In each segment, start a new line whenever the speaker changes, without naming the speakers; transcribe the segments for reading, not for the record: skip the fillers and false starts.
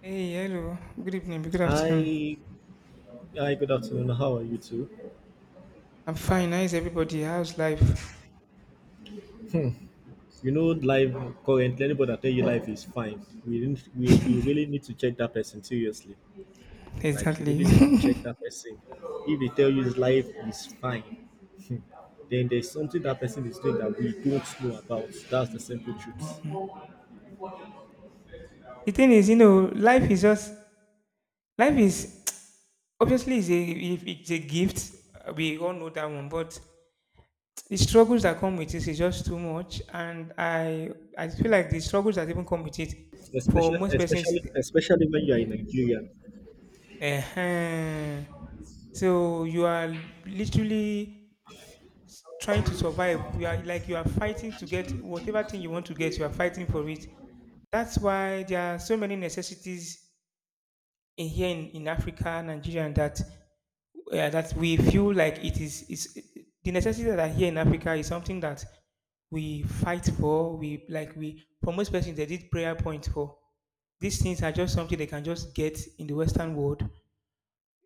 Hey, hello. Good evening. Good afternoon.
Hi, hi. Good afternoon. How are you too?
I'm fine. How is everybody? How's life?
Life currently, anybody that tell you life is fine, we didn't. We You really need to check that person seriously. Like you
Exactly.
really need to check that person. If they tell you life is fine, then there's something that person is doing that we don't know about. That's the simple truth.
The thing is, life is just life is obviously is a if it's a gift. We all know that one, but the struggles that come with it is just too much, and I feel like the struggles that even come with it for
Especially,
most persons.
especially, especially when you are in Nigeria,
Uh-huh. So you are literally trying to survive. We are like you are fighting to get whatever thing you want to get. You are fighting for it. That's why there are so many necessities in here in Africa, Nigeria, and that that we feel like it is the necessities that are here in Africa is something that we fight for. We like we for most persons they did prayer point for. These things are just something they can just get in the Western world,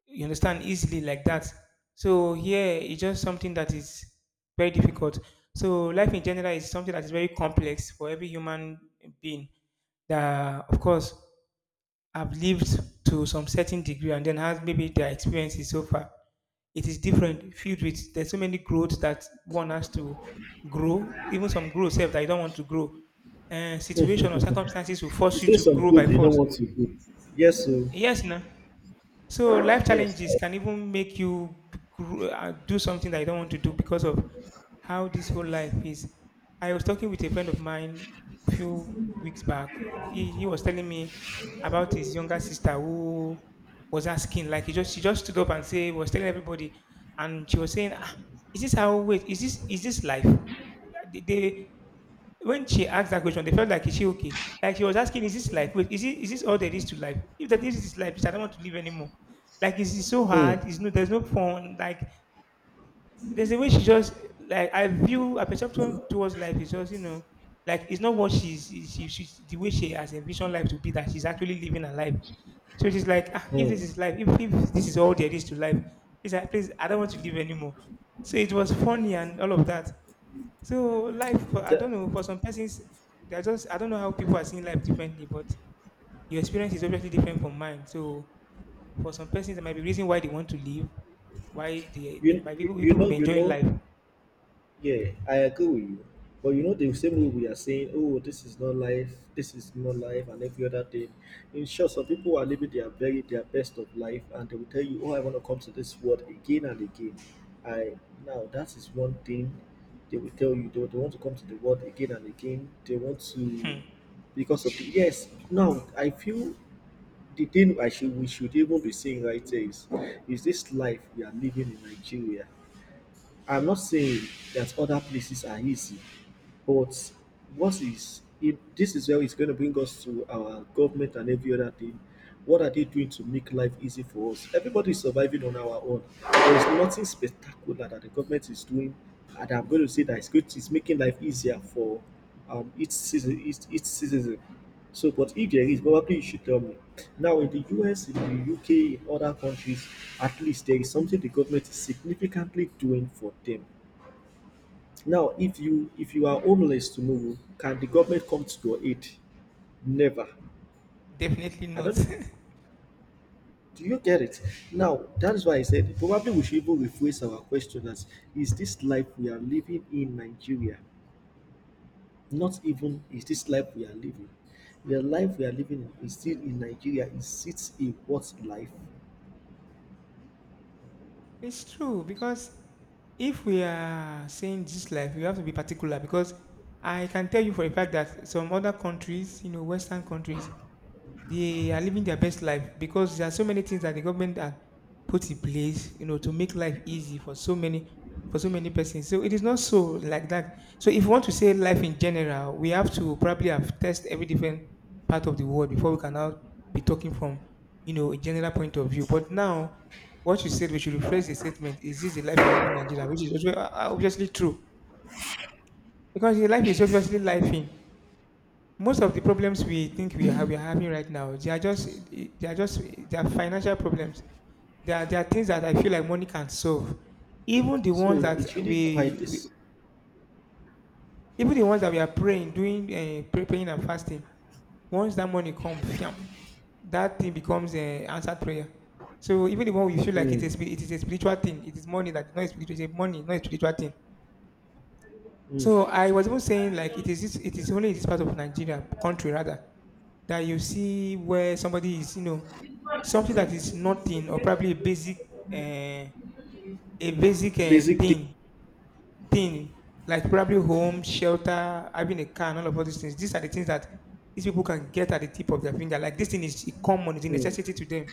you understand, easily like that. So here it's just something that is very difficult. So life in general is something that is very complex for every human being that of course have lived to some certain degree and then has maybe their experiences so far. It is different, filled with there's so many growths that one has to grow, even some growth self that you don't want to grow, and situation or circumstances will
you
force you
say
to
some
grow by
good you don't
force.
want to do. Yes, sir.
Yes, now. So life
Yes.
challenges can even make you do something that you don't want to do because of how this whole life is. I was talking with a friend of mine a few weeks back. He was telling me about his younger sister who was asking, like he just she just stood up and say was telling everybody, and she was saying, ah, "Is this how? Wait, is this life? They when she asked that question, they felt like is she okay? Like she was asking, is this life? Wait, is it is this all there is to life? If that is this life, please I don't want to live anymore. Like it's so hard.
Hmm.
It's no there's no fun. Like there's a way she just like I view her perception towards life is just, you know, like it's not what she's she the way she has envisioned life to be that she's actually living her life. So she's like, ah, if this
Hmm.
is life, if this is all there is to life, please, please, I don't want to live anymore. So it was funny and all of that. So life, I don't
That,
know, for some persons, they're just, I don't know how people are seeing life differently, but your experience is obviously different from mine. So for some persons, there might be reason why they want to leave, why they,
you
they might be people
you
people
know
may
you
enjoy
know
life.
yeah, I agree with you. But you know, the same way we are saying, oh, this is not life, this is not life, and every other thing. In short, some people are living their very their best of life, and they will tell you, oh, I want to come to this world again and again. I Now that is one thing they will tell you. They want to come to the world again and again. They want to
Hmm,
because of the yes. Now I feel the thing I should we should even be saying right there is this life we are living in Nigeria. I'm not saying that other places are easy, but what is it, this is where it's going to bring us to our government and every other thing. What are they doing to make life easy for us? Everybody is surviving on our own. There is nothing spectacular that the government is doing, and I'm going to say that it's good. It's making life easier for each citizen. Each citizen. So, but if there is, probably you should tell me. Now, in the US, in the UK, in other countries, at least there is something the government is significantly doing for them. Now, if you are homeless tomorrow, can the government come to your aid? Never.
definitely
I
not.
don't know. Do you get it? Now, that is why I said probably we should even rephrase our question as is this life we are living in Nigeria? Not even is this life we are living. The life we are living is still in Nigeria. Is it a what life?
It's true, because if we are saying this life, we have to be particular, because I can tell you for a fact that some other countries, you know, Western countries, they are living their best life because there are so many things that the government had put in place, you know, to make life easy for so many persons. So it is not so like that. So if you want to say life in general, we have to probably have test every different part of the world before we can now be talking from, you know, a general point of view. But now, what you said, we should rephrase the statement: is this the life I live in Nigeria? Which is obviously true because the life is obviously life in most of the problems we think we are having right now, they are just they are financial problems. There are things that I feel like money can solve. Even the ones
So
that
it's really
we,
quite
we
this.
even the ones that we are praying, doing praying and fasting. Once that money comes, fiam, that thing becomes an answered prayer. So even the one we feel like it
Mm,
is a it is a spiritual thing, it is money that is not a spiritual, it is money, not a spiritual thing.
mm,
So I was even saying like it is this, it is only in this part of Nigeria country rather that you see where somebody is, you know, something that is nothing or probably uh, a basic
basic thing.
thing, thing like probably home, shelter, having a car, and all of all these things. These are the things that these people can get at the tip of their finger. Like this thing is common, it's a
Mm,
necessity to them.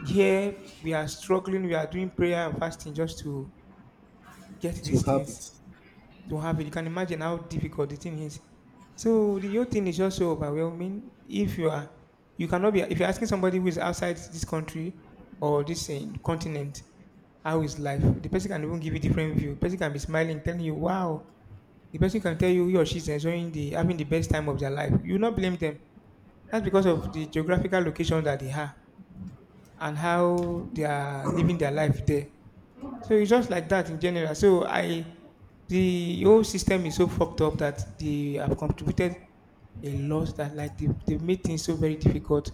Here we are struggling, we are doing prayer and fasting just to get
to
these
have
things.
it.
To have it. You can imagine how difficult the thing is. So the whole thing is just so overwhelming. If you are, you cannot be. If you're asking somebody who is outside this country or this eh, continent, how is life? The person can even give you different view. The person can be smiling, telling you, "Wow." The person can tell you he or she's enjoying the having the best time of their life. You will not blame them. That's because of the geographical location that they have and how they are living their life there. So it's just like that in general. So I, the whole system is so fucked up that they have contributed a lot that like they made things so very difficult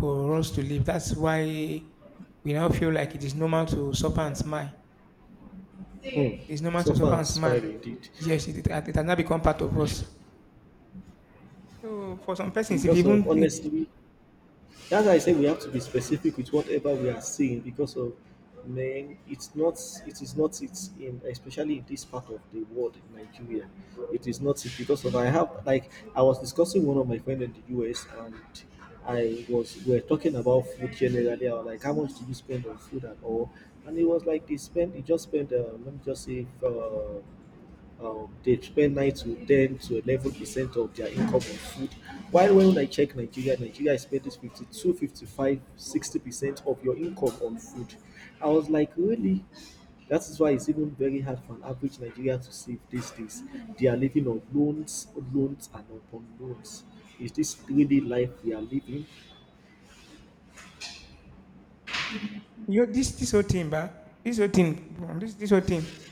for us to live. That's why we now feel like it is normal to suffer and smile.
Mm.
It's normal to suffer
Suffer and
and
smile
smile.
indeed.
Yes, it has now become part of us. So for some persons, if
Because of
even
honestly, that's why I say we have to be specific with whatever we are seeing because of man it's not, it is not, it's in especially in this part of the world in Nigeria. It is not it because of I have like I was discussing one of my friend in the US, and I was we were talking about food generally. I was like how much do you spend on food and all, and it was like they spend he just spent let me just say they spend 9 to 10 to 11% of their income on food. While when I check Nigeria, Nigeria is spending 52, 55, 60% of your income on food. I was like, really? That is why it's even very hard for an average Nigerian to save these days. They are living on loans, loans, and upon loans. Is this really life we are living?
you know, this whole thing, but this whole thing, this this whole thing,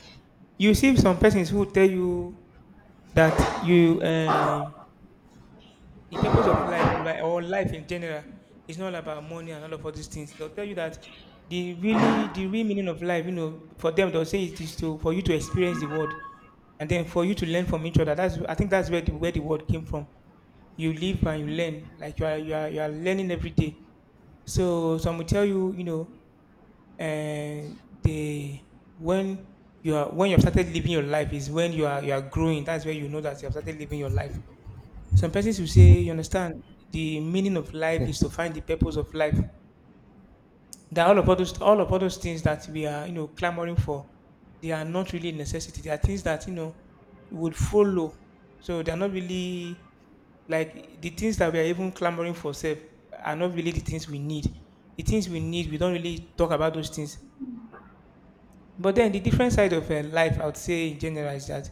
you see some persons who tell you that you. The purpose of life, like or life in general, is not about money and all of all these things. They'll tell you that the really the real meaning of life, you know, for them they'll say it is to for you to experience the world and then for you to learn from each other. That's I think that's where the word came from. You live and you learn. Like you are you are learning every day. So some will tell you, you know, and they when you are when you have started living your life is when you are growing. That's where you know that you have started living your life. Some persons will say, you understand, the meaning of life is to find the purpose of life. That all of all those all of all those things that we are, you know, clamoring for, they are not really necessity. They are things that, you know, would follow. So they are not really like the things that we are even clamoring for self are not really the things we need. The things we need, we don't really talk about those things. But then the different side of life, I would say in general, is that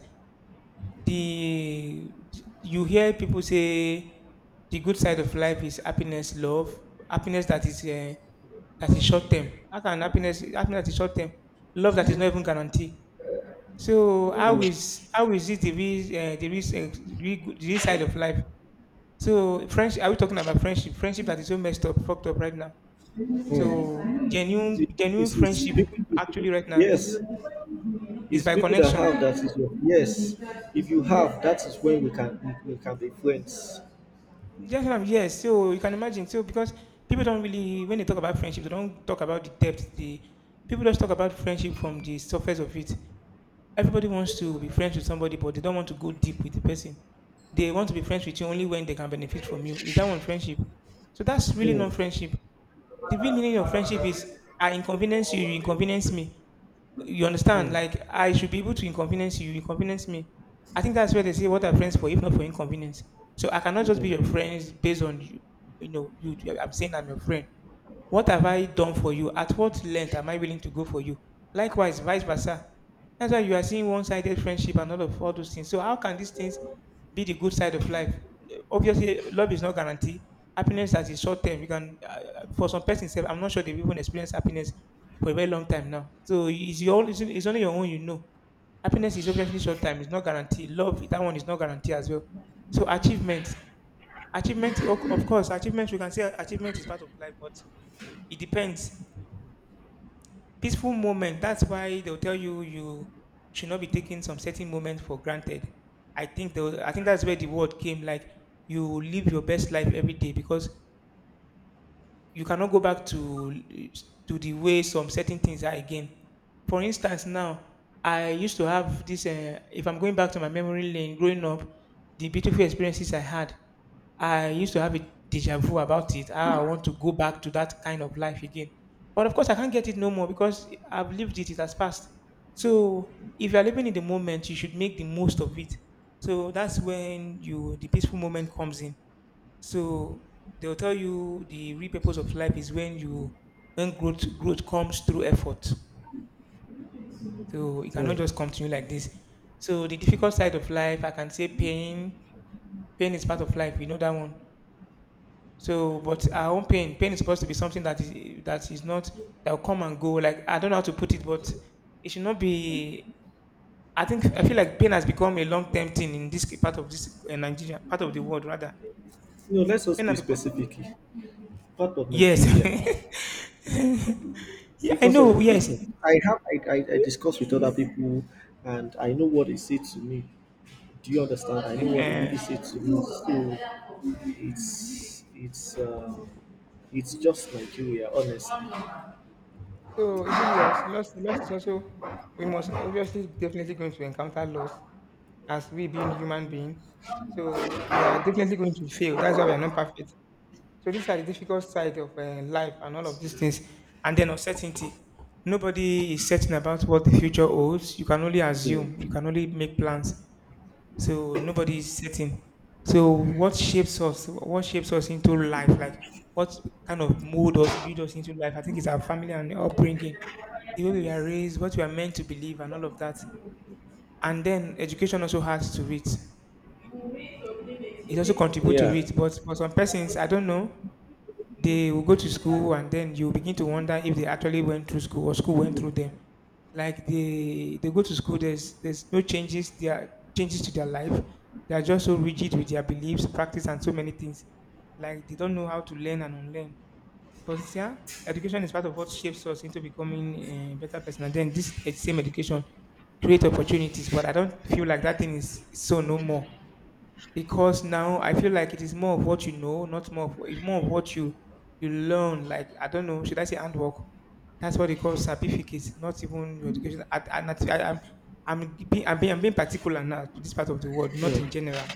the you hear people say the good side of life is happiness, love, happiness that is short term. How can happiness that is short term, love that is not even guaranteed? So how is it the real the real, the real side of life? So friendship, are we talking about friendship? Friendship that is so messed up, fucked up right now.
Hmm.
So genuine friendship actually
People-
right now
yes.
is
It's
by
people that
connection.
have, that is your, yes. If you have, that is when we can be friends.
That's what I'm, yes. So you can imagine. So because people don't really, when they talk about friendship, they don't talk about the depth. The people just talk about friendship from the surface of it. Everybody wants to be friends with somebody, but they don't want to go deep with the person. They want to be friends with you only when they can benefit from you. Is that one friendship? So that's really
Mm,
not friendship. The real meaning of friendship is I inconvenience you, you inconvenience me. You understand?
mm,
Like I should be able to inconvenience you, you inconvenience me. I think that's where they say what are friends for, if not for inconvenience. So I cannot just be
mm,
your friends based on you. You know, you. I'm saying I'm your friend. What have I done for you? At what length am I willing to go for you? Likewise, vice versa. That's why you are seeing one-sided friendship and all of all those things. So how can these things be the good side of life? Obviously, love is not guaranteed. Happiness that is short term. You can, for some persons, sef, I'm not sure they've even experienced happiness for a very long time now. So it's your, it's only your own, Happiness is obviously short time. It's not guaranteed. Love, that one is not guaranteed as well. So achievement, of course, achievement. We can say achievement is part of life, but it depends. Peaceful moment. That's why they'll tell you you should not be taking some certain moments for granted. I think that's where the word came. Like you live your best life every day because you cannot go back to the way some certain things are again. For instance, now I used to have this. If I'm going back to my memory lane, growing up, the beautiful experiences I had, I used to have a deja vu about it. How I want to go back to that kind of life again. But of course, I can't get it no more because I've lived it. It has passed. So if you're living in the moment, you should make the most of it. So that's when you the peaceful moment comes in, so they'll tell you the real purpose of life is when you when growth comes through effort. So it cannot
mm.
just continue like this. So the difficult side of life, I can say pain. Pain is part of life. We know that one. So, but our own pain, pain is supposed to be something that is not that will come and go. Like I don't know how to put it, but it should not be. I feel like pain has become a long term thing in this part of this Nigeria, part of the world rather.
You know, let us
Pain has
be
become.
specific. Part of
Yes.
Nigeria,
Yeah, I
because of
know, yes.
I have I discuss with other people, and I know what they say to me. Do you understand? I know what they really
Ehen.
say to me. So it's just Nigeria, honestly.
So is it loss? Loss is also we must obviously definitely going to encounter loss as we being human being. So we are definitely going to fail. That's why we are not perfect. So these are the difficult side of life and all of these things. And then uncertainty. Nobody is certain about what the future holds. You can only assume. You
Mm,
can only make plans. So nobody is certain, so what shapes us into life, like what kind of mold us build us into life. I think it's our family and upbringing, the way we are raised, what we are meant to believe and all of that. And then education also has to it, it also contributes to
yeah.
it, but for some persons, I don't know, they will go to school and then you begin to wonder if they actually went through school or school went through them. Like they go to school, there's no changes, there are changes to their life. They are just so rigid with their beliefs, practice, and so many things. Like they don't know how to learn and unlearn. But yeah, education is part of what shapes us into becoming a better person. And then this same education create opportunities, but I don't feel like that thing is so no more, because now I feel like it is more of what you know, not more of what you learn. Like I don't know, should I say handwork? That's what they call certificates, not even your education. I, I'm being, I'm being I'm being particular now to this part of the world, not
Mm.
in general.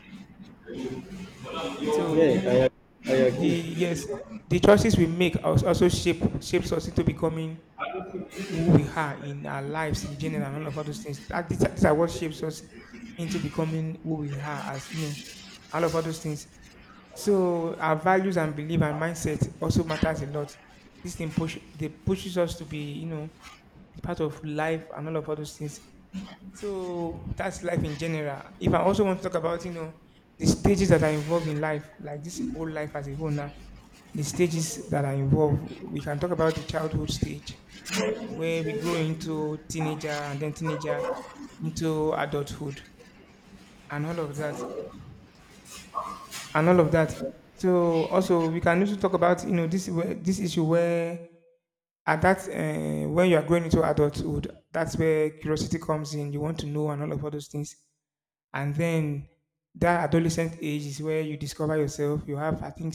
So
Yeah, I
the
agree.
yes, the choices we make also shapes us into becoming who we are in our lives in general and all of all those things. That These are, these are what shapes us into becoming who we are, as you know, all of all those things. So our values and belief and mindset also matters a lot. This thing pushes us to be, you know, be part of life and all of all those things. So that's life in general. If I also want to talk about, you know, the stages that are involved in life, like this whole life as a whole now, the stages that are involved, we can talk about the childhood stage where we grow into teenager and then teenager into adulthood and all of that. and all of that. So also we can also talk about, you know, this issue where at that when you are growing into adulthood, that's where curiosity comes in. You want to know and all of all those things, and then that adolescent age is where you discover yourself. You have, I think,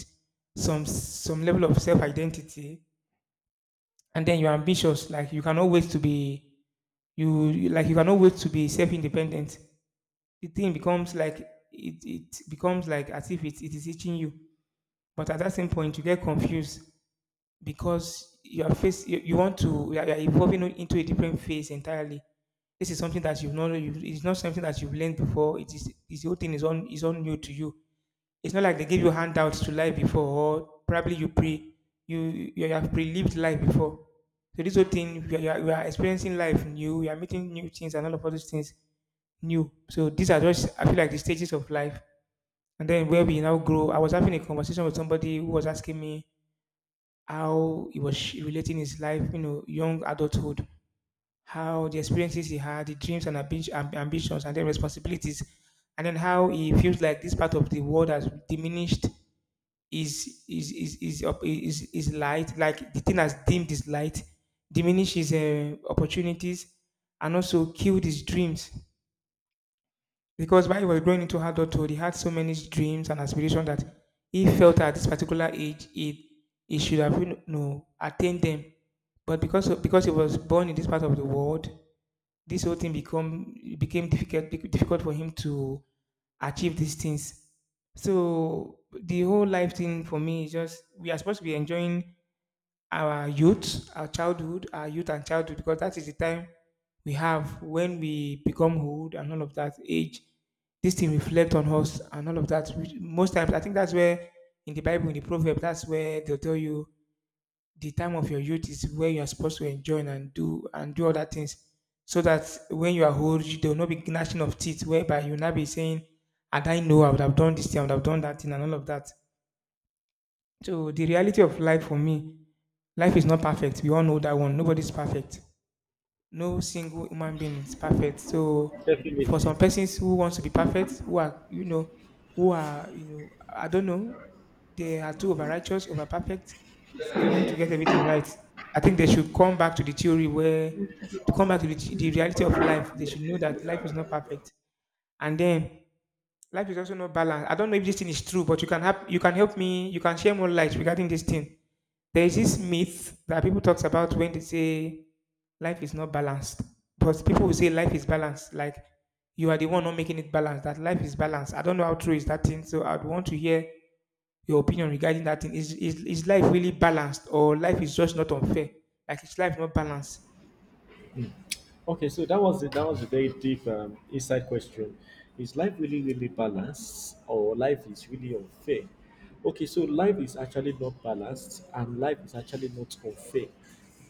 some level of self identity, and then you're ambitious. Like you cannot wait to be like you cannot wait to be self independent. The thing becomes like it becomes like as if it is teaching you. But at that same point, you get confused because you want to you are evolving into a different phase entirely. This is something that you've not you it's not something that you've learned before. It is is—the whole thing is on new to you. It's not like they gave you handouts to life before, or probably you have pre-lived life before. So this whole thing, you are experiencing life new, you are meeting new things and all of all those things new. So these are just, I feel like, the stages of life. And then where we now grow. I was having a conversation with somebody who was asking me how he was relating his life, you know, young adulthood, how the experiences he had, the dreams and ambitions, and then responsibilities, and then how he feels like this part of the world has diminished his light, like the thing has dimmed his light, diminished his opportunities, and also killed his dreams. Because while he was growing into adulthood, he had so many dreams and aspirations that he felt at this particular age he should have, you know, attained them. But because he was born in this part of the world, this whole thing become it became difficult for him to achieve these things. So the whole life thing for me is just we are supposed to be enjoying our youth, our childhood, our youth and childhood, because that is the time we have. When we become old and all of that age, this thing reflect on us and all of that. Which Most times, I think that's where in the Bible, in the proverb, that's where they'll tell you the time of your youth is where you are supposed to enjoy and do other things, so that when you are old, you will not be gnashing of teeth, whereby you will not be saying, "And I know I would have done this thing, I would have done that thing, and all of that." So the reality of life for me, life is not perfect. We all know that one. Nobody's perfect. No single human being is perfect. So for
Definitely.
some persons who wants to be perfect, who are you know, who are you know, I don't know, they are too over righteous, over perfect. They want to get everything right. I think they should come back to the theory where to come back to the reality of life. They should know that life is not perfect, and then life is also no balance. I don't know if this thing is true, but you can help me, you can share more light regarding this thing. There is this myth that people talks about when they say life is not balanced. But people will say life is balanced, like you are the one not making it balanced, that life is balanced. I don't know how true is that thing, so I'd want to hear your opinion regarding that thing. Is life really balanced, or life is just not unfair? Like is life not balanced?
Okay, so that was the. That was a very deep inside question. Is life really really balanced, or life is really unfair? Okay, so life is actually not balanced, and life is actually not unfair.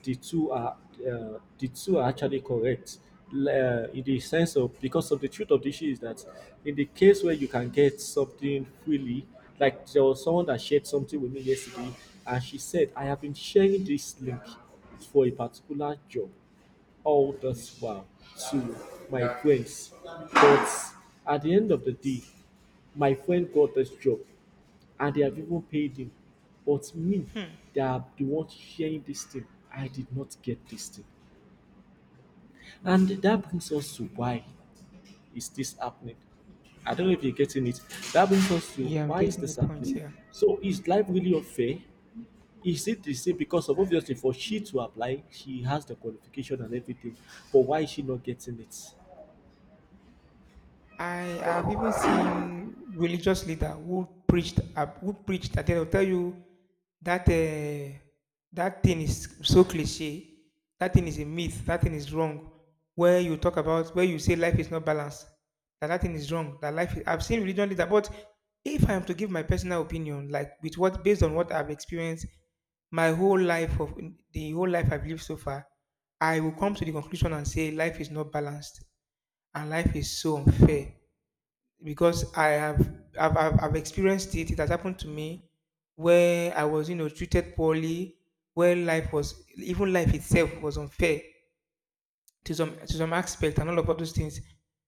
The two are actually correct. In the sense of because of the truth of the issue is that in the case where you can get something freely, like there was someone that shared something with me yesterday, and she said, "I have been sharing this link for a particular job" all this while to my friends. But at the end of the day, my friend got this job and they have even paid him. But me,
Hmm.
they are the ones sharing this thing. I did not get this thing. And that brings us to why is this happening? I don't know if you're getting it. That brings us to
Yeah, I'm
why is
getting
this
the point
happening?
here.
So is life really unfair? Is it the same because of obviously for she to apply, she has the qualification and everything, but why is she not getting it?
I have even seen religious leader who preached that they'll tell you that that thing is so cliche, that thing is a myth, that thing is wrong. Where you talk about where you say life is not balanced, that that thing is wrong, that life. Is, I've seen religious leader, but if I am to give my personal opinion, like with what based on what I've experienced my whole life of the whole life I've lived so far, I will come to the conclusion and say life is not balanced and life is so unfair, because I have I've experienced it. It has happened to me where I was, you know, treated poorly, where life was even life itself was unfair to some aspect and all of those things.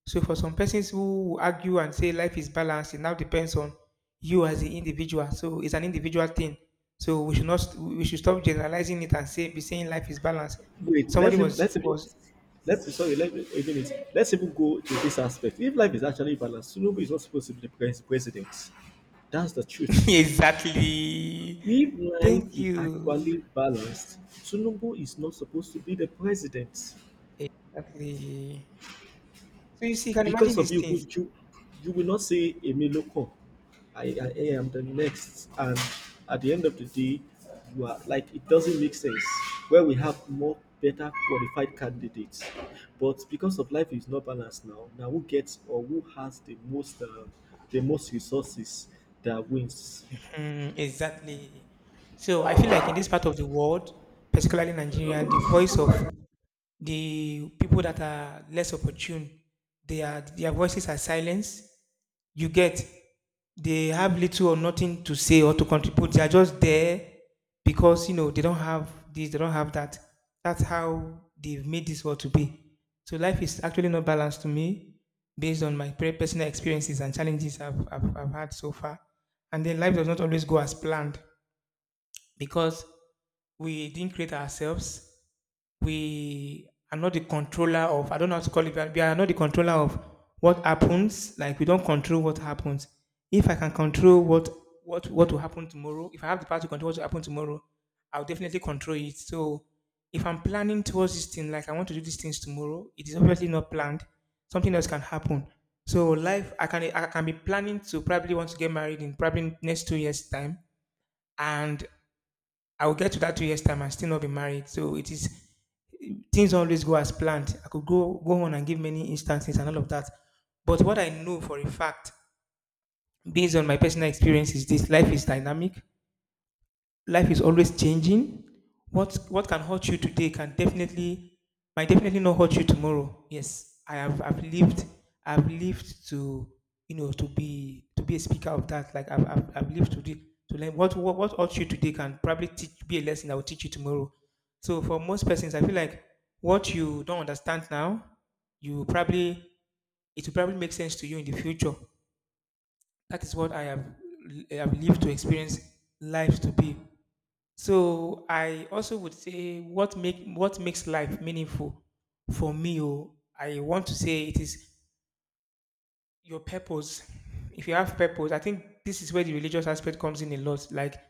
So for some persons who argue and say life is balanced, it now depends on you as the individual. So it's an individual thing. So we should not st- we should stop generalizing it and saying life is balanced.
Wait,
Somebody
let's
was
even let's even
was
let's sorry, let me a minute, let's even go to this aspect. If life is actually balanced, Tinubu is not supposed to be the pres- president. That's the truth.
exactly.
If life
Thank
is actually
you.
balanced, Tinubu is not supposed to be the president
Exactly. So you see, you can imagine
because of
these
you,
things.
you you you will not say a local. I am the next, and at the end of the day, you are like it doesn't make sense. Where we have more better qualified candidates, but because of life is not balanced now, now who gets or who has the most resources, that wins.
Mm, exactly. So I feel like in this part of the world, particularly Nigeria, the voice of the people that are less opportune, they are their voices are silenced. You get they have little or nothing to say or to contribute. They are just there because you know they don't have this, they don't have that. That's how they've made this world to be. So life is actually not balanced to me, based on my personal experiences and challenges I've had so far. And then life does not always go as planned because we didn't create ourselves, we are not the controller of, I don't know how to call it, but we are not the controller of what happens. Like we don't control what happens. If I can control what will happen tomorrow, if I have the power to control what will happen tomorrow, I'll definitely control it. So if I'm planning towards this thing, like I want to do these things tomorrow, it is obviously not planned. Something else can happen. So life, I can be planning to probably want to get married in probably next 2 years time, and I will get to that 2 years time and still not be married. So it is things always go as planned. I could go on and give many instances and all of that. But what I know for a fact, based on my personal experience, is this life is dynamic, life is always changing. What can hurt you today can definitely might definitely not hurt you tomorrow. Yes, I've lived, I've lived to you know to be a speaker of that. Like I've lived to learn what hurt you today can probably teach be a lesson that will teach you tomorrow. So for most persons, I feel like what you don't understand now, you probably it will probably make sense to you in the future. That is what I have lived to experience life to be. So I also would say what makes life meaningful for me. Oh, I want to say it is your purpose. If you have purpose, I think this is where the religious aspect comes in a lot. Like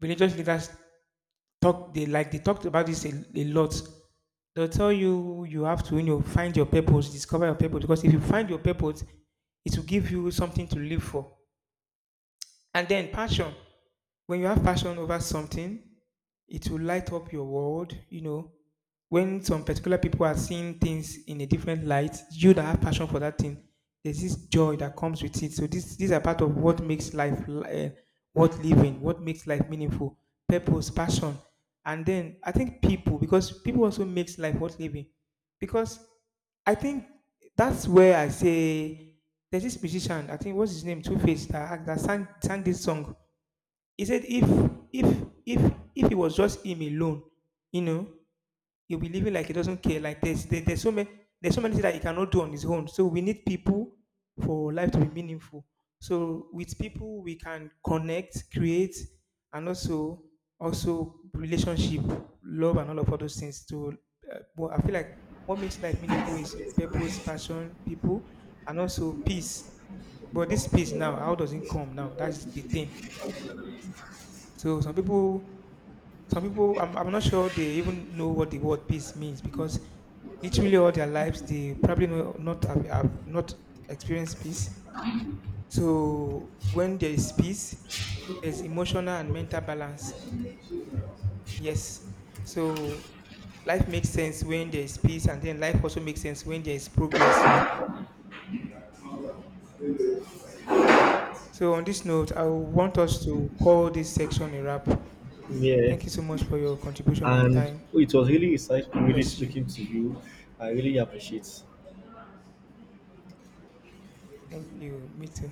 religious leaders talk, they talked about this a lot. They'll tell you you have to you know find your purpose, discover your purpose, because if you find your purpose, it will give you something to live for. And then passion. When you have passion over something, it will light up your world. You know, when some particular people are seeing things in a different light, you that have passion for that thing, there's this joy that comes with it. So this these are part of what makes life worth living, what makes life meaningful, purpose, passion, and then I think people, because people also makes life worth living because I think that's where I say there's this musician, I think what's his name, Two Face, that sang this song. He said if if it was just him alone, you know, he'll be living like he doesn't care. Like there's so many, there's so many things that he cannot do on his own. So we need people for life to be meaningful. So with people we can connect, create, and also relationship, love, and all of those things. To But I feel like what makes life meaningful is purpose, passion, people, and also peace. But this peace now, how does it come now? That's the thing. So some people, I'm not sure they even know what the word peace means because literally all their lives they probably know, not have, have not experienced peace. So when there is peace, there's emotional and mental balance. Yes. So life makes sense when there is peace, and then life also makes sense when there is progress. So on this note, I want us to call this section a wrap.
Yeah,
Thank you so much for your contribution and
and
time.
it was really
God
insightful, really
bless you.
speaking to you. I really appreciate.
Thank you. Me too.